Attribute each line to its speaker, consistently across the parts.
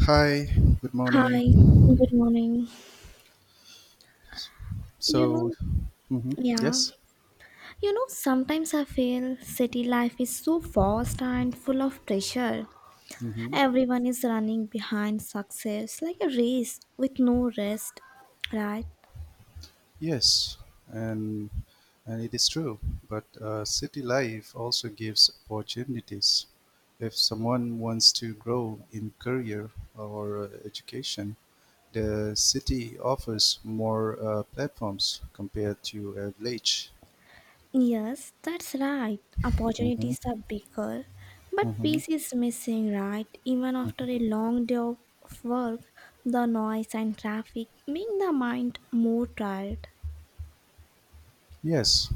Speaker 1: Hi, good morning.
Speaker 2: Hi, good morning. You
Speaker 1: So,
Speaker 2: know,
Speaker 1: mhm,
Speaker 2: yeah,
Speaker 1: yes.
Speaker 2: you know, sometimes I feel city life is so fast and full of pressure.
Speaker 1: Hmm,
Speaker 2: Everyone is running behind success like a race with no rest, right?
Speaker 1: yes. And and it is true. But city life also gives opportunities. If someone wants to grow in career or education, the city offers more platforms compared to a village.
Speaker 2: Yes, that's right.
Speaker 1: Hmm.
Speaker 2: Opportunities are bigger, but
Speaker 1: Hmm.
Speaker 2: peace is missing, right? Even after a long day of work, the noise and traffic make the mind more tired.
Speaker 1: Yes,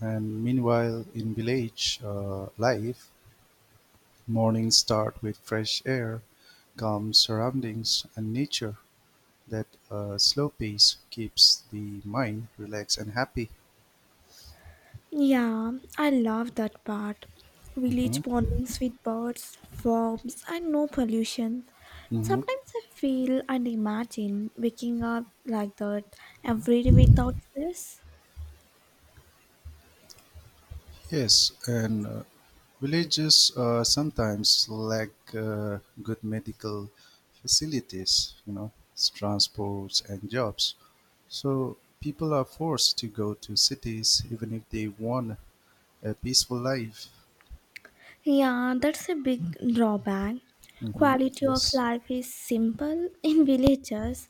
Speaker 1: and meanwhile in village life, mornings start with fresh air, calm surroundings, and nature. That slow pace keeps the mind relaxed and happy.
Speaker 2: Yeah, I love that part. Village
Speaker 1: Hmm.
Speaker 2: bondings with birds, worms, and no pollution.
Speaker 1: Hmm.
Speaker 2: Sometimes I feel and imagine waking up like that every day without stress.
Speaker 1: Yes, and villages sometimes lack good medical facilities, transports and jobs. So people are forced to go to cities even if they want a peaceful life.
Speaker 2: Yeah, that's a big drawback.
Speaker 1: Hmm.
Speaker 2: Quality of
Speaker 1: Yes.
Speaker 2: life is simple in villages,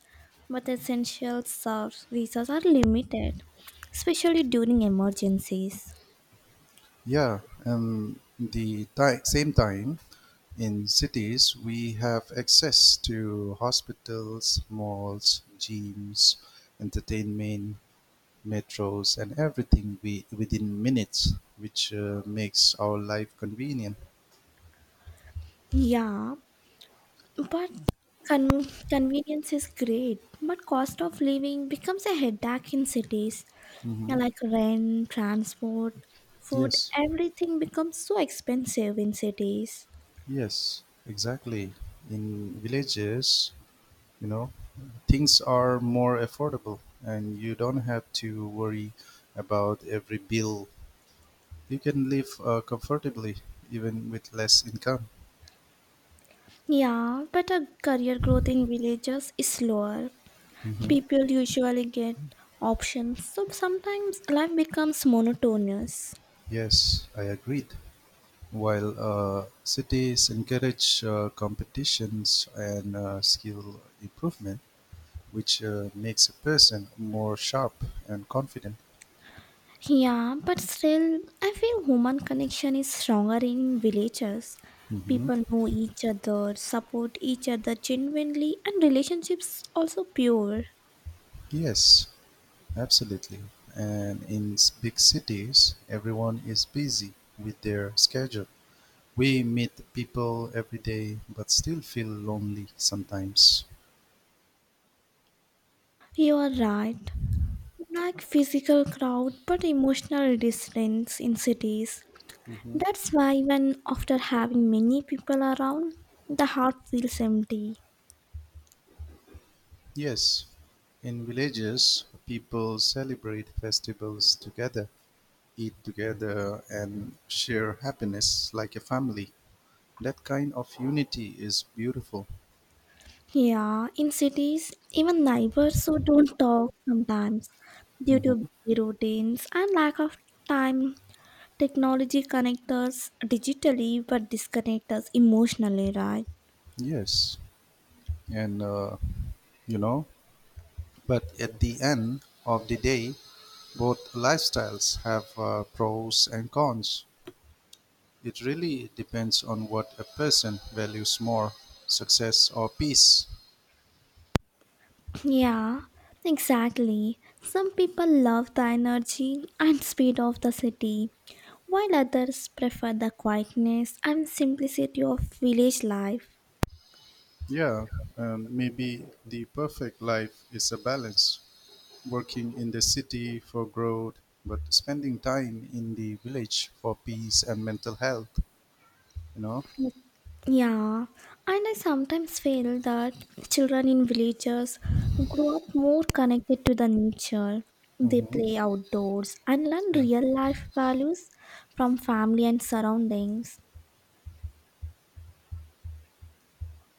Speaker 2: but essential services are limited, especially during emergencies.
Speaker 1: Yeah, and the same time, in cities, we have access to hospitals, malls, gyms, entertainment, metros, and everything we, within minutes, which makes our life convenient.
Speaker 2: Yeah, but convenience is great, but cost of living becomes a headache in cities.
Speaker 1: Hmm.
Speaker 2: Like rent, transport, food,
Speaker 1: Yes,
Speaker 2: everything becomes so expensive in cities.
Speaker 1: yes, exactly. In villages, you know, things are more affordable, and you don't have to worry about every bill. You can live comfortably even with less income.
Speaker 2: Yeah, but a career growth in villages is slower.
Speaker 1: Mhm.
Speaker 2: People usually get options, so sometimes life becomes monotonous.
Speaker 1: Yes, I agreed. While cities encourage competitions and skill improvement, which makes a person more sharp and confident.
Speaker 2: Yeah, but still, I feel human connection is stronger in villages.
Speaker 1: Mhm.
Speaker 2: People know each other, support each other genuinely, and relationships also pure.
Speaker 1: Yes, absolutely. And in big cities, everyone is busy with their schedule. We meet people every day, but still feel lonely sometimes.
Speaker 2: You are right. Like physical crowd, but emotional distance in cities. That's why when after having many people around, the heart feels empty.
Speaker 1: Yes, in villages, people celebrate festivals together, eat together, and share happiness like a family. That kind of unity is beautiful.
Speaker 2: Yeah, in cities, even neighbors who don't talk sometimes due to
Speaker 1: Hmm.
Speaker 2: busy routines and lack of time. Technology connects us digitally but disconnects us emotionally, right?
Speaker 1: Yes, and you know, but at the end of the day, both lifestyles have pros and cons. It really depends on what a person values more, success or peace.
Speaker 2: Yeah, exactly. Some people love the energy and speed of the city, while others prefer the quietness and simplicity of village life.
Speaker 1: Yeah, and maybe the perfect life is a balance, working in the city for growth, but spending time in the village for peace and mental health, you know?
Speaker 2: Yeah, and I sometimes feel that children in villages grow up more connected to the nature. They
Speaker 1: Hmm.
Speaker 2: play outdoors and learn
Speaker 1: Yeah.
Speaker 2: real life values from family and surroundings.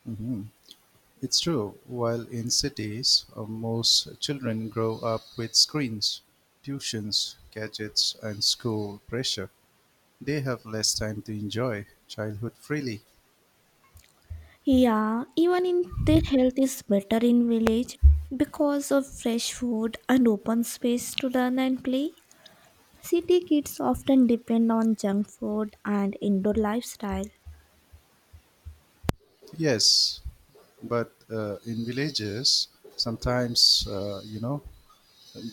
Speaker 1: Hmm. It's true. While in cities, most children grow up with screens, tuitions, gadgets, and school pressure. They have less time to enjoy childhood freely.
Speaker 2: Yeah, even in their health is better in village because of fresh food and open space to learn and play. City kids often depend on junk food and indoor lifestyle.
Speaker 1: Yes, but in villages, sometimes,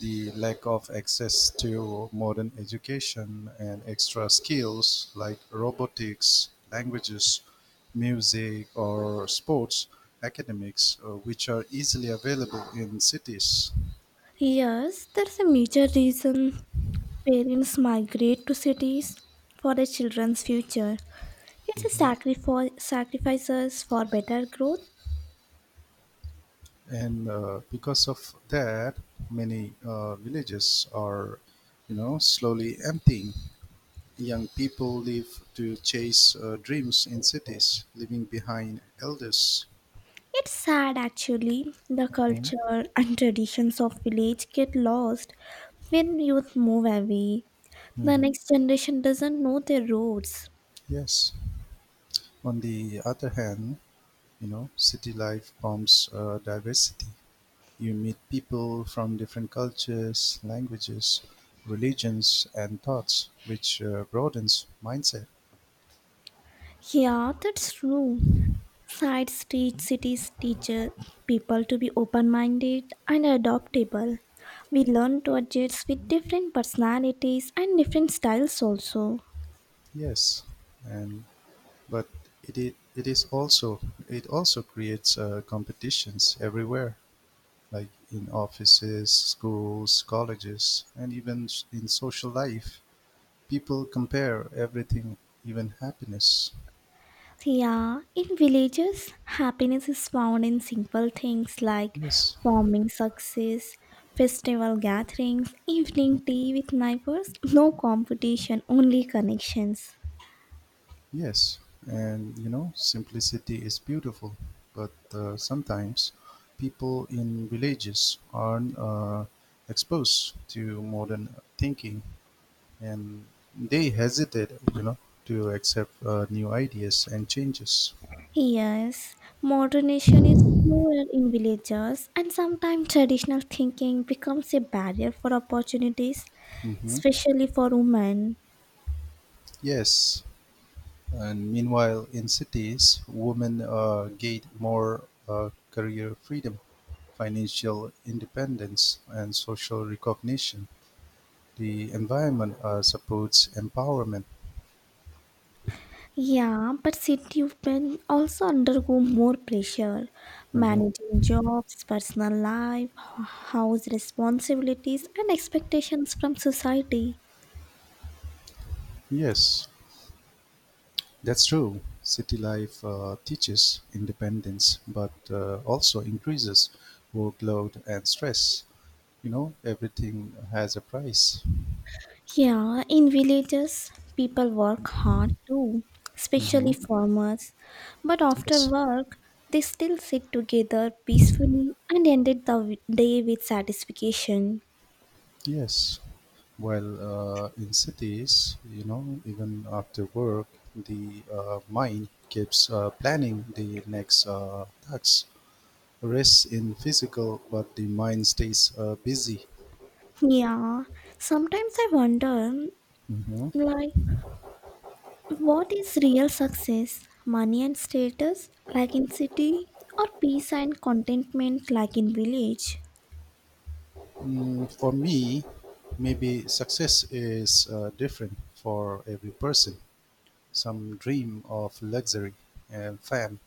Speaker 1: the lack of access to modern education and extra skills like robotics, languages, music, or sports, academics, which are easily available in cities.
Speaker 2: Yes, that's a major reason parents migrate to cities for their children's future. It's a sacrifice sacrifices for better growth.
Speaker 1: And because of that, many villages are, slowly emptying. Young people live to chase dreams in cities, leaving behind elders.
Speaker 2: It's sad actually. The
Speaker 1: Mhm.
Speaker 2: culture and traditions of village get lost when youth move away. The
Speaker 1: Mhm.
Speaker 2: next generation doesn't know their roads.
Speaker 1: Yes. On the other hand, city life prompts diversity. You meet people from different cultures, languages, religions, and thoughts, which broadens mindset.
Speaker 2: Yeah, that's true. Side street cities teach people to be open minded and adaptable. We learn to adjust with different personalities and different styles also.
Speaker 1: Yes, and but it, it it is also it also creates competitions everywhere, like in offices, schools, colleges, and even in social life. People compare everything, even happiness.
Speaker 2: Yeah, in villages, happiness is found in simple things like
Speaker 1: Yes.
Speaker 2: farming success, festival gatherings, evening tea with neighbors, no competition, only connections.
Speaker 1: Yes, and simplicity is beautiful, but sometimes people in villages are exposed to modern thinking and they hesitate, to accept new ideas and changes.
Speaker 2: Yes, modernization is slower in villages, and sometimes traditional thinking becomes a barrier for opportunities,
Speaker 1: Hmm.
Speaker 2: especially for women.
Speaker 1: Yes, and meanwhile, in cities, women gain more career freedom, financial independence, and social recognition. The environment supports empowerment.
Speaker 2: Yeah, but city women also undergo more pressure,
Speaker 1: Mhm.
Speaker 2: managing jobs, personal life, h- house responsibilities, and expectations from society.
Speaker 1: Yes, that's true. City life teaches independence, but also increases workload and stress. Everything has a price.
Speaker 2: Yeah, in villages, people work hard too, especially
Speaker 1: Hmm.
Speaker 2: farmers. But after
Speaker 1: Yes,
Speaker 2: work, they still sit together peacefully and ended the day with satisfaction.
Speaker 1: yes. Well, in cities, even after work, the mind keeps planning the next tasks. Rest in physical, but the mind stays busy.
Speaker 2: Yeah, sometimes I wonder,
Speaker 1: Hmm.
Speaker 2: like, what is real success? Money and status, like in city, or peace and contentment, like in village?
Speaker 1: For me, maybe success is different for every person. Some dream of luxury and fame,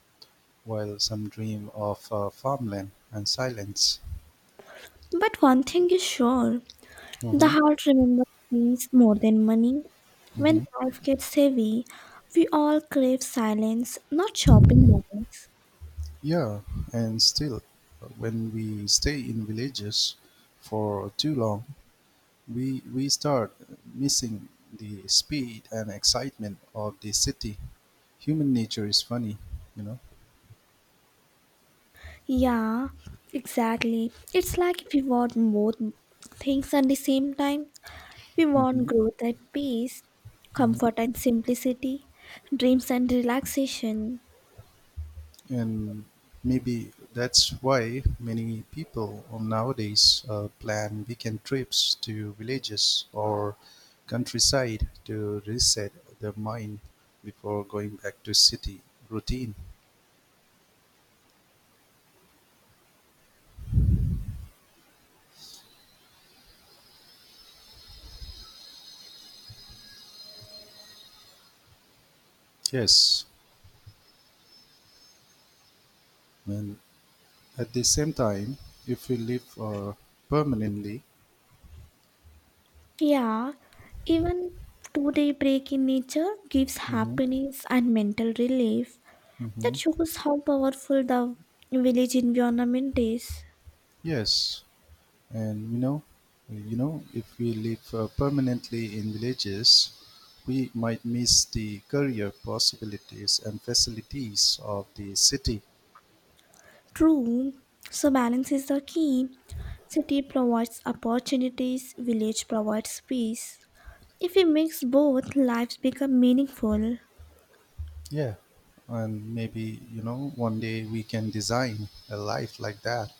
Speaker 1: while some dream of farmland and silence.
Speaker 2: But one thing is sure. The
Speaker 1: Hmm.
Speaker 2: heart remembers peace more than money. When
Speaker 1: Hmm.
Speaker 2: life gets heavy, we all crave silence, not shopping malls.
Speaker 1: Yeah, and still, when we stay in villages for too long, we start missing the speed and excitement of the city. Human nature is funny, you know.
Speaker 2: Yeah, exactly. It's like if we want both things at the same time. We want
Speaker 1: Hmm.
Speaker 2: growth and peace, comfort
Speaker 1: Hmm.
Speaker 2: and simplicity, dreams and relaxation.
Speaker 1: And maybe that's why many people nowadays plan weekend trips to villages or countryside to reset their mind before going back to city routine. Yes, and at the same time, if we live permanently.
Speaker 2: Yeah, even 2-day break in nature gives
Speaker 1: Mhm,
Speaker 2: happiness and mental relief. That
Speaker 1: mhm.
Speaker 2: shows how powerful the village environment is.
Speaker 1: Yes, and if we live permanently in villages, we might miss the career possibilities and facilities of the city.
Speaker 2: True, so balance is the key. City provides opportunities, village provides peace. If we mix both, lives become meaningful.
Speaker 1: Yeah, and maybe one day we can design a life like that,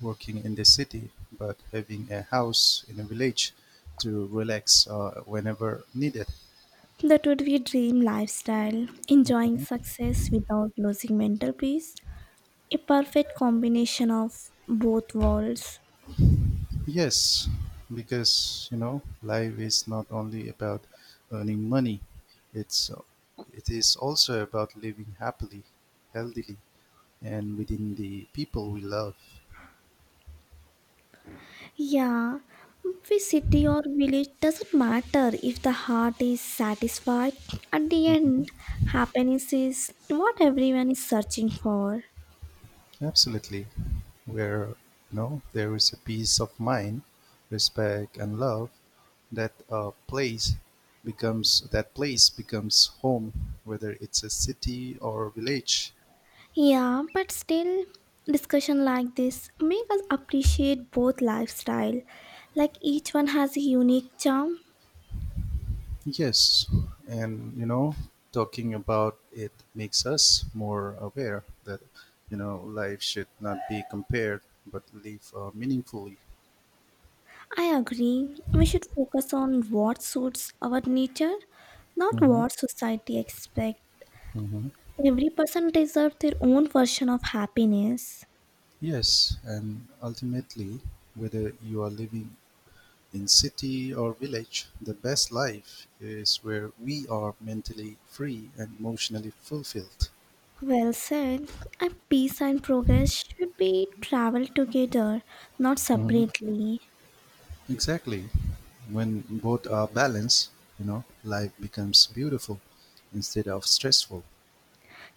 Speaker 1: working in the city but having a house in a village to relax whenever needed.
Speaker 2: That would be dream lifestyle, enjoying success without losing mental peace. A perfect combination of both worlds.
Speaker 1: Yes, because life is not only about earning money. It's it is also about living happily, healthily, and within the people we love.
Speaker 2: Yeah, which city or village doesn't matter if the heart is satisfied. At the
Speaker 1: Mhm.
Speaker 2: end, happiness is what everyone is searching for.
Speaker 1: Absolutely, where there is a peace of mind, respect, and love, that uh, place that place becomes home, whether it's a city or a village.
Speaker 2: Yeah, but still, discussion like this make us appreciate both lifestyle. Like each one has a unique charm.
Speaker 1: Yes, and talking about it makes us more aware that life should not be compared but live meaningfully.
Speaker 2: I agree. We should focus on what suits our nature, not
Speaker 1: Hmm.
Speaker 2: what society expects.
Speaker 1: Hmm.
Speaker 2: Every person deserves their own version of happiness.
Speaker 1: Yes, and ultimately, whether you are living in city or village, the best life is where we are mentally free and emotionally fulfilled.
Speaker 2: Well said. And peace and progress should be traveled together, not separately.
Speaker 1: Exactly. When both are balanced, life becomes beautiful instead of stressful.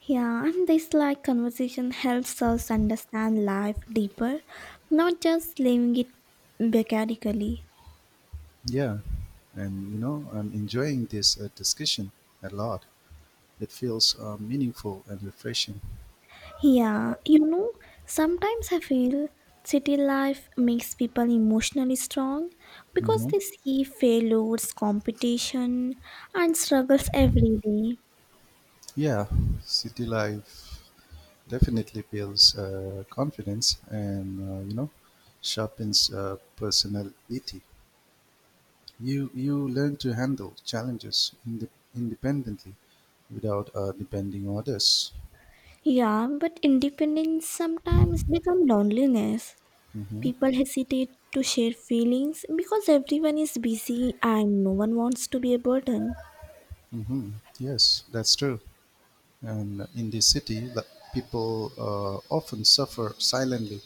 Speaker 2: Yeah, and this like conversation helps us understand life deeper, not just living it mechanically.
Speaker 1: Yeah. And I'm enjoying this discussion a lot. It feels meaningful and refreshing.
Speaker 2: Yeah, you know, sometimes I feel city life makes people emotionally strong because
Speaker 1: Hmm.
Speaker 2: they see failures, competition, and struggles every day.
Speaker 1: Yeah. City life definitely builds confidence and, sharpens personality. You learn to handle challenges independently without depending on others.
Speaker 2: Yeah, but independence sometimes becomes loneliness.
Speaker 1: Mm-hmm.
Speaker 2: People hesitate to share feelings because everyone is busy and no one wants to be a burden.
Speaker 1: Mm-hmm. Yes, that's true. And in the city, the people often suffer silently.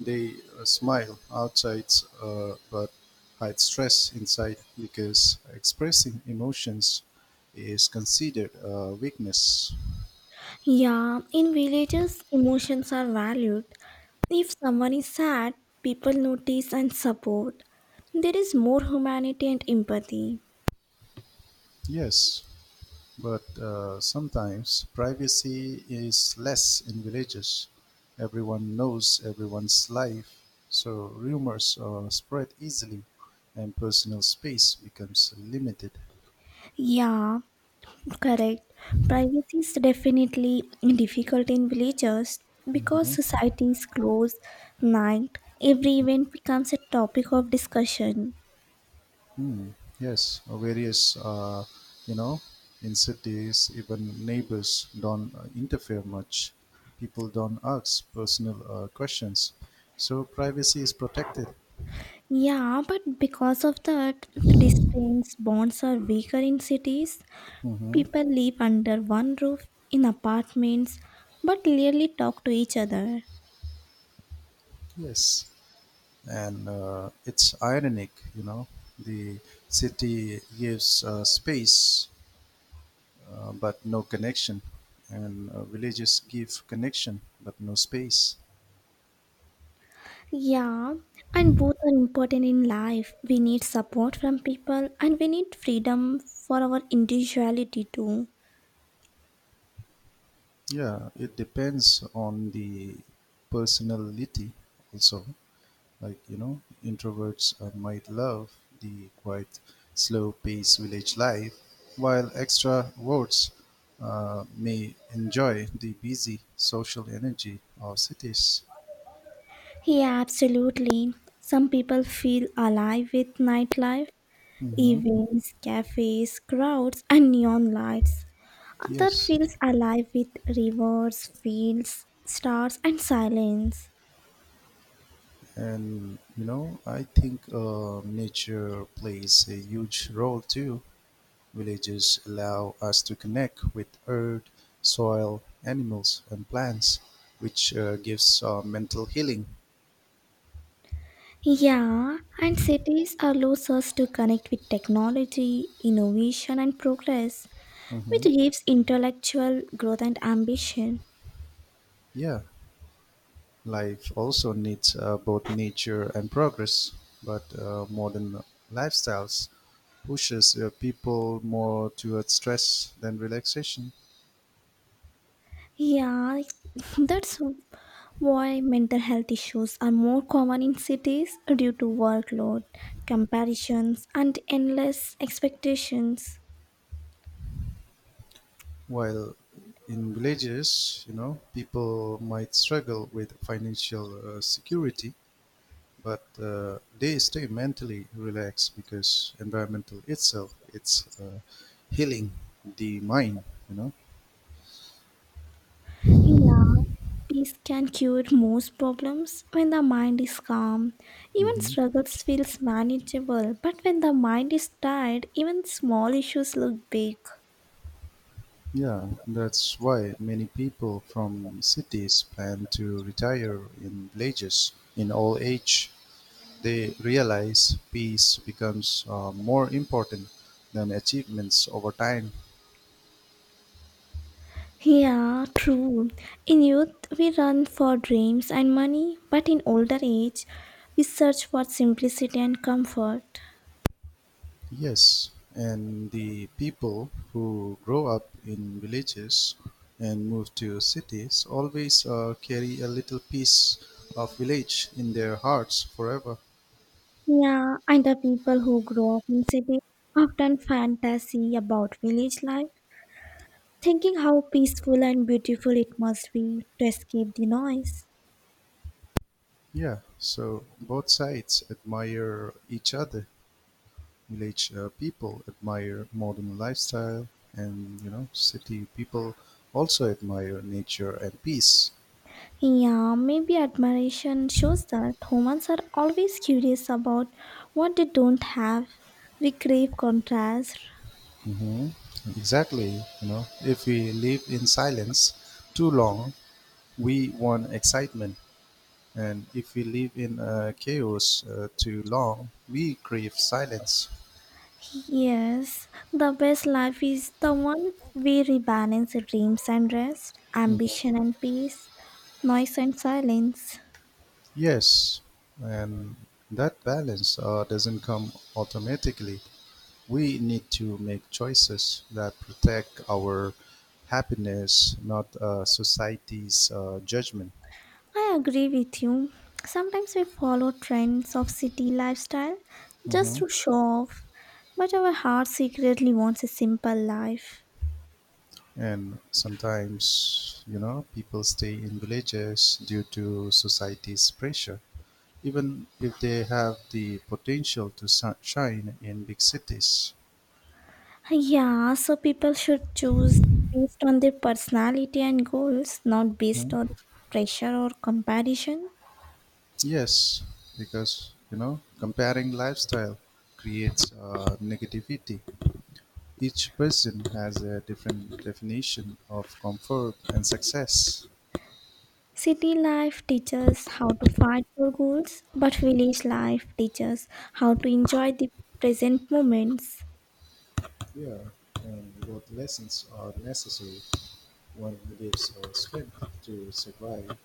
Speaker 1: They smile outside but hide stress inside because expressing emotions is considered weakness.
Speaker 2: Yeah, in villages, emotions are valued. If someone is sad, people notice and support. There is more humanity and empathy.
Speaker 1: Yes, but sometimes privacy is less in villages. Everyone knows everyone's life, so rumors are spread easily and personal space becomes limited.
Speaker 2: Yeah, correct. Privacy is definitely difficult in villages because
Speaker 1: Mhm.
Speaker 2: society is closed, night, every event becomes a topic of discussion.
Speaker 1: Hmm. Yes, or various, you know, in cities, even neighbors don't interfere much. People don't ask personal questions. So privacy is protected.
Speaker 2: Yeah, but because of that, the distance bonds are weaker in cities.
Speaker 1: Hmm.
Speaker 2: People live under one roof in apartments but rarely talk to each other.
Speaker 1: Yes. And it's ironic, you know. The city gives space but no connection, and villages give connection but no space.
Speaker 2: Yeah, and both are important in life. We need support from people and we need freedom for our individuality too.
Speaker 1: Yeah, it depends on the personality also. Like, introverts might love the quite slow pace village life, while extroverts may enjoy the busy social energy of cities.
Speaker 2: Yeah, absolutely. Some people feel alive with nightlife,
Speaker 1: Mhm.
Speaker 2: events, cafes, crowds, and neon lights. Other
Speaker 1: Yes,
Speaker 2: feels alive with rivers, fields, stars, and silence.
Speaker 1: and I think nature plays a huge role too. Villages allow us to connect with earth, soil, animals, and plants, which gives mental healing.
Speaker 2: Yeah, and cities allows us to connect with technology, innovation, and progress, which
Speaker 1: Hmm.
Speaker 2: gives intellectual growth and ambition.
Speaker 1: Yeah, life also needs both nature and progress, but modern lifestyles pushes people more towards stress than relaxation.
Speaker 2: Yeah, that's why mental health issues are more common in cities due to workload, comparisons, and endless expectations.
Speaker 1: While in villages, people might struggle with financial security, but they stay mentally relaxed because environmental itself it's healing the mind. You know.
Speaker 2: Yeah, peace can cure most problems when the mind is calm. Even
Speaker 1: Hmm.
Speaker 2: struggles feels manageable, but when the mind is tired, even small issues look big.
Speaker 1: Yeah, that's why many people from cities plan to retire in villages in old age. They realize peace becomes more important than achievements over time.
Speaker 2: Yeah, true. In youth, we run for dreams and money, but in older age, we search for simplicity and comfort.
Speaker 1: Yes, and the people who grow up in villages and move to cities always carry a little piece of village in their hearts forever.
Speaker 2: Yeah, and the people who grow up in cities often fantasy about village life thinking how peaceful and beautiful it must be to escape the noise.
Speaker 1: Yeah, so both sides admire each other. Village people admire modern lifestyle, and city people also admire nature and peace.
Speaker 2: Yeah, maybe admiration shows that humans are always curious about what they don't have. We crave contrast.
Speaker 1: Hmm. Exactly. If we live in silence too long, we want excitement, and if we live in chaos too long, we crave silence.
Speaker 2: Yes, the best life is the one where we balance dreams and rest,
Speaker 1: Mhm.
Speaker 2: ambition and peace, noise and silence.
Speaker 1: Yes, and that balance doesn't come automatically. We need to make choices that protect our happiness, not society's judgment.
Speaker 2: I agree with you. Sometimes we follow trends of city lifestyle just
Speaker 1: Mhm.
Speaker 2: to show off, but our heart secretly wants a simple life.
Speaker 1: And sometimes, people stay in villages due to society's pressure, even if they have the potential to shine in big cities.
Speaker 2: Yeah, so people should choose based on their personality and goals, not based
Speaker 1: Hmm?
Speaker 2: on pressure or comparison.
Speaker 1: Yes, because comparing lifestyle creates negativity. Each person has a different definition of comfort and success.
Speaker 2: City life teaches how to fight for goals, but village life teaches how to enjoy the present moments.
Speaker 1: Yeah, and both lessons are necessary. One gives strength to survive,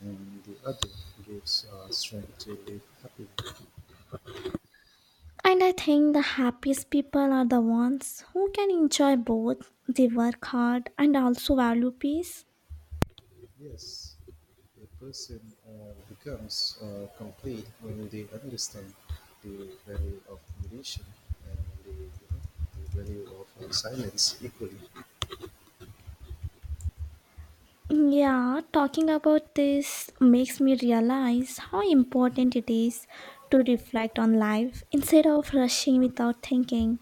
Speaker 1: and the other gives strength to live happily.
Speaker 2: And I think the happiest people are the ones who can enjoy both. They work hard and also value peace.
Speaker 1: Yes, a person becomes complete when they understand the value of meditation and the, you know, the value of silence equally.
Speaker 2: Yeah, talking about this makes me realize how important it is to reflect on life instead of rushing without thinking.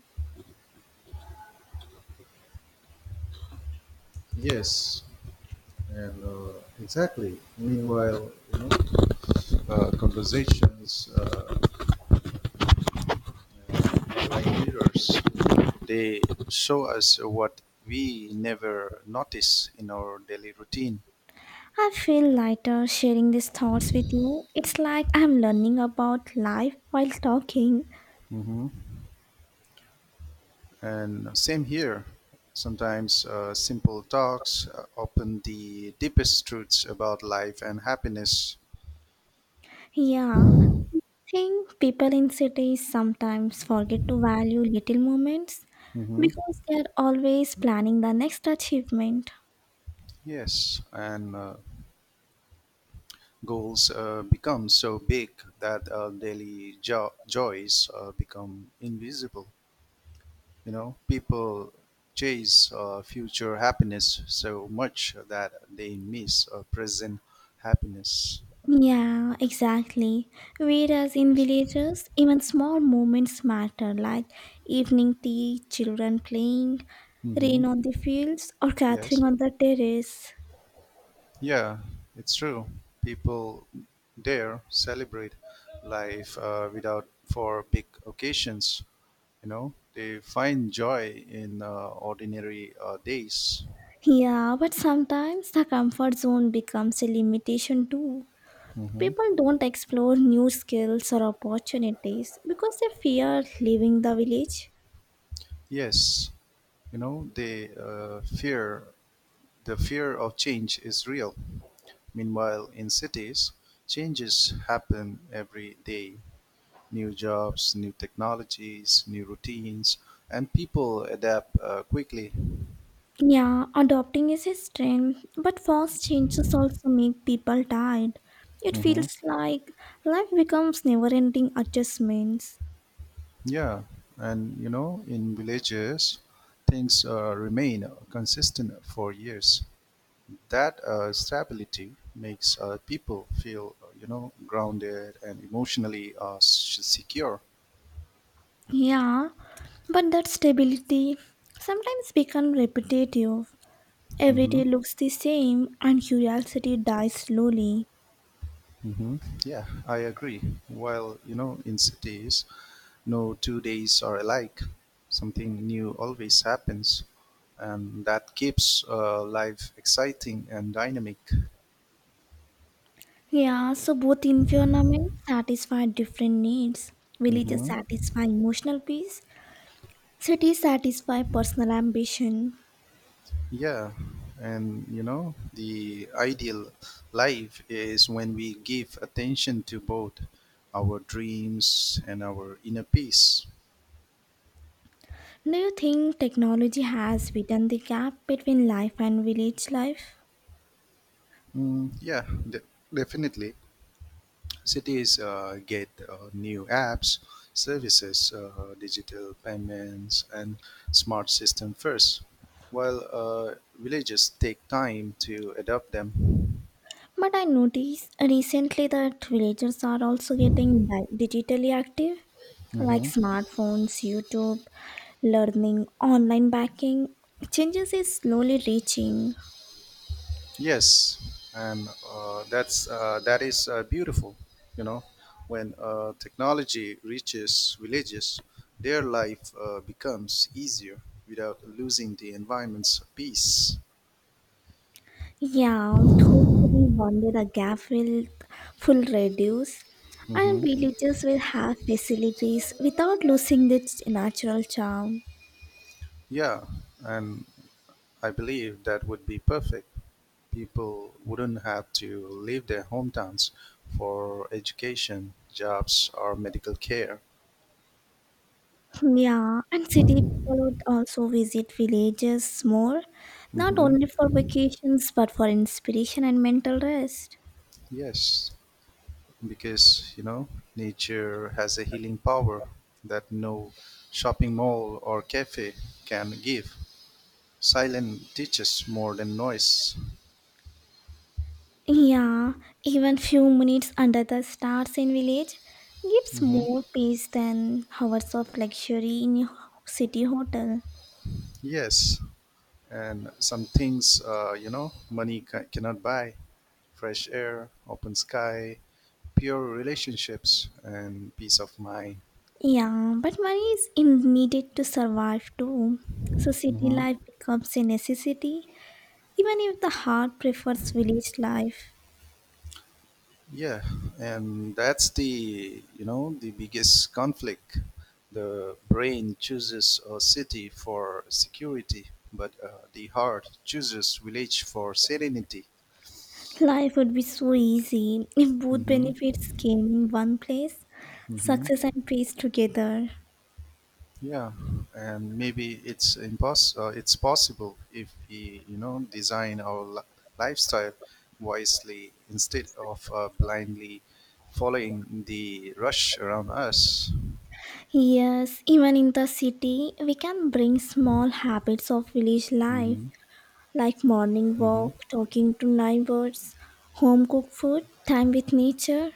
Speaker 1: Yes, and exactly. Meanwhile, conversations like mirrors, they show us what we never notice in our daily routine.
Speaker 2: I feel lighter sharing these thoughts with you. It's like I'm learning about life while talking.
Speaker 1: And same here. Sometimes simple talks open the deepest truths about life and happiness.
Speaker 2: Yeah, think people in cities sometimes forget to value little moments
Speaker 1: Hmm.
Speaker 2: because they are always planning the next achievement.
Speaker 1: Yes, and goals become so big that daily joys become invisible. People chase future happiness so much that they miss present happiness.
Speaker 2: Yeah, exactly. Whereas in villages, even small moments matter, like evening tea, children playing,
Speaker 1: Hmm.
Speaker 2: rain on the fields, or gathering
Speaker 1: Yes.
Speaker 2: on the terrace.
Speaker 1: Yeah, it's true. People dare celebrate life without for big occasions. They find joy in ordinary days.
Speaker 2: Yeah, but sometimes the comfort zone becomes a limitation too.
Speaker 1: Hmm.
Speaker 2: People don't explore new skills or opportunities because they fear leaving the village.
Speaker 1: Yes, they fear the fear of change is real. Meanwhile, in cities, changes happen every day. New jobs, new technologies, new routines, and people adapt quickly.
Speaker 2: Yeah, adopting is a strength, but fast changes also make people tired. It
Speaker 1: Mhm.
Speaker 2: feels like life becomes never ending adjustments.
Speaker 1: Yeah, and in villages, things remain consistent for years. That stability makes people feel, grounded and emotionally secure.
Speaker 2: Yeah, but that stability sometimes becomes repetitive. Every
Speaker 1: Hmm.
Speaker 2: day looks the same and curiosity dies slowly.
Speaker 1: Hmm. Yeah, I agree. While in cities, no two days are alike. Something new always happens, and that keeps life exciting and dynamic.
Speaker 2: Yeah, so both environments satisfy different needs. Villages
Speaker 1: Hmm.
Speaker 2: satisfy emotional peace, cities satisfy personal ambition.
Speaker 1: Yeah, and the ideal life is when we give attention to both our dreams and our inner peace.
Speaker 2: Do you think technology has widened the gap between life and village life?
Speaker 1: Mm, yeah, definitely. Cities get new apps, services, digital payments, and smart system first, while villages take time to adopt them.
Speaker 2: But I noticed recently that villagers are also getting digitally active, like
Speaker 1: Mhm.
Speaker 2: smartphones, YouTube, learning, online banking. Changes is slowly reaching.
Speaker 1: Yes, and that is beautiful. You know, when technology reaches villages, their life becomes easier without losing the environment's peace.
Speaker 2: Yeah, hopefully one day the gap will full reduce and
Speaker 1: Hmm.
Speaker 2: villages will have facilities without losing their natural charm.
Speaker 1: Yeah, and I believe that would be perfect. People wouldn't have to leave their hometowns for education, jobs, or medical care.
Speaker 2: Yeah, and city people would also visit villages more, not
Speaker 1: Hmm.
Speaker 2: only for vacations but for inspiration and mental rest.
Speaker 1: Yes, because nature has a healing power that no shopping mall or cafe can give. Silence teaches more than noise.
Speaker 2: Yeah, even few minutes under the stars in village gives
Speaker 1: Hmm,
Speaker 2: more peace than hours of luxury in a city hotel.
Speaker 1: yes, and some things money cannot buy: fresh air, open sky, pure relationships, and peace of mind.
Speaker 2: Yeah, but money is in needed to survive too. So city
Speaker 1: Mhm.
Speaker 2: life becomes a necessity, even if the heart prefers village life.
Speaker 1: Yeah, and that's the you know the biggest conflict. The brain chooses a city for security, but the heart chooses village for serenity.
Speaker 2: Life would be so easy if both
Speaker 1: Mm-hmm.
Speaker 2: benefits came in one place,
Speaker 1: Mm-hmm.
Speaker 2: success and peace together.
Speaker 1: Yeah, and maybe it's possible if we design our lifestyle wisely instead of blindly following the rush around us.
Speaker 2: Yes, even in the city, we can bring small habits of village life
Speaker 1: Mm-hmm.
Speaker 2: like morning
Speaker 1: Mm-hmm.
Speaker 2: walk, talking to neighbors, home cooked food, time with nature.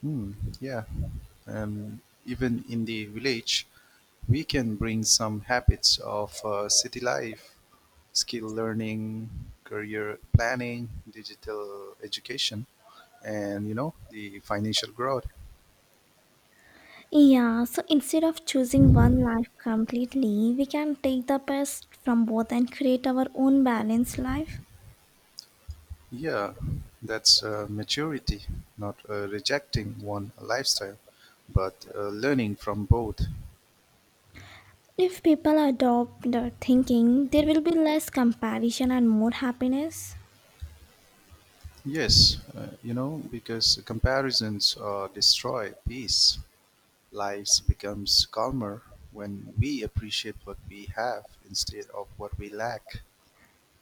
Speaker 1: Hmm, yeah. And even in the village, we can bring some habits of city life, skill learning, career planning, digital education, and the financial growth.
Speaker 2: Yeah, so instead of choosing one life completely, we can take the best from both and create our own balanced life.
Speaker 1: Yeah, that's maturity, not rejecting one lifestyle, but learning from both.
Speaker 2: If people adopt the thinking, there will be less comparison and more happiness.
Speaker 1: Yes, because comparisons destroy peace. Life becomes calmer when we appreciate what we have instead of what we lack.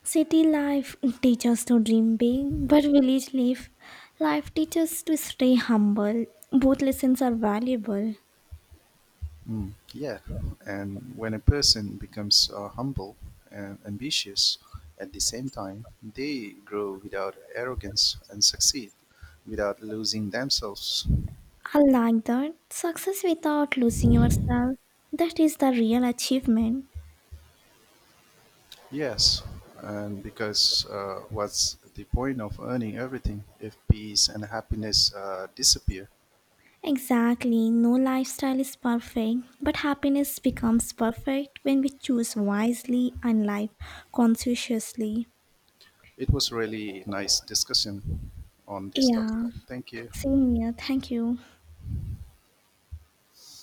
Speaker 2: City life teaches to dream big, but village life teaches to stay humble. Both lessons are valuable.
Speaker 1: Mm, yeah, and when a person becomes humble and ambitious at the same time, they grow without arrogance and succeed without losing themselves.
Speaker 2: I like that. Success without losing yourself. That is the real achievement.
Speaker 1: Yes, and because what's the point of earning everything if peace and happiness disappear?
Speaker 2: Exactly, no lifestyle is perfect, but happiness becomes perfect when we choose wisely and live conscientiously.
Speaker 1: It was really nice discussion on this topic.
Speaker 2: Yeah,
Speaker 1: Thank you.
Speaker 2: same here. Thank you.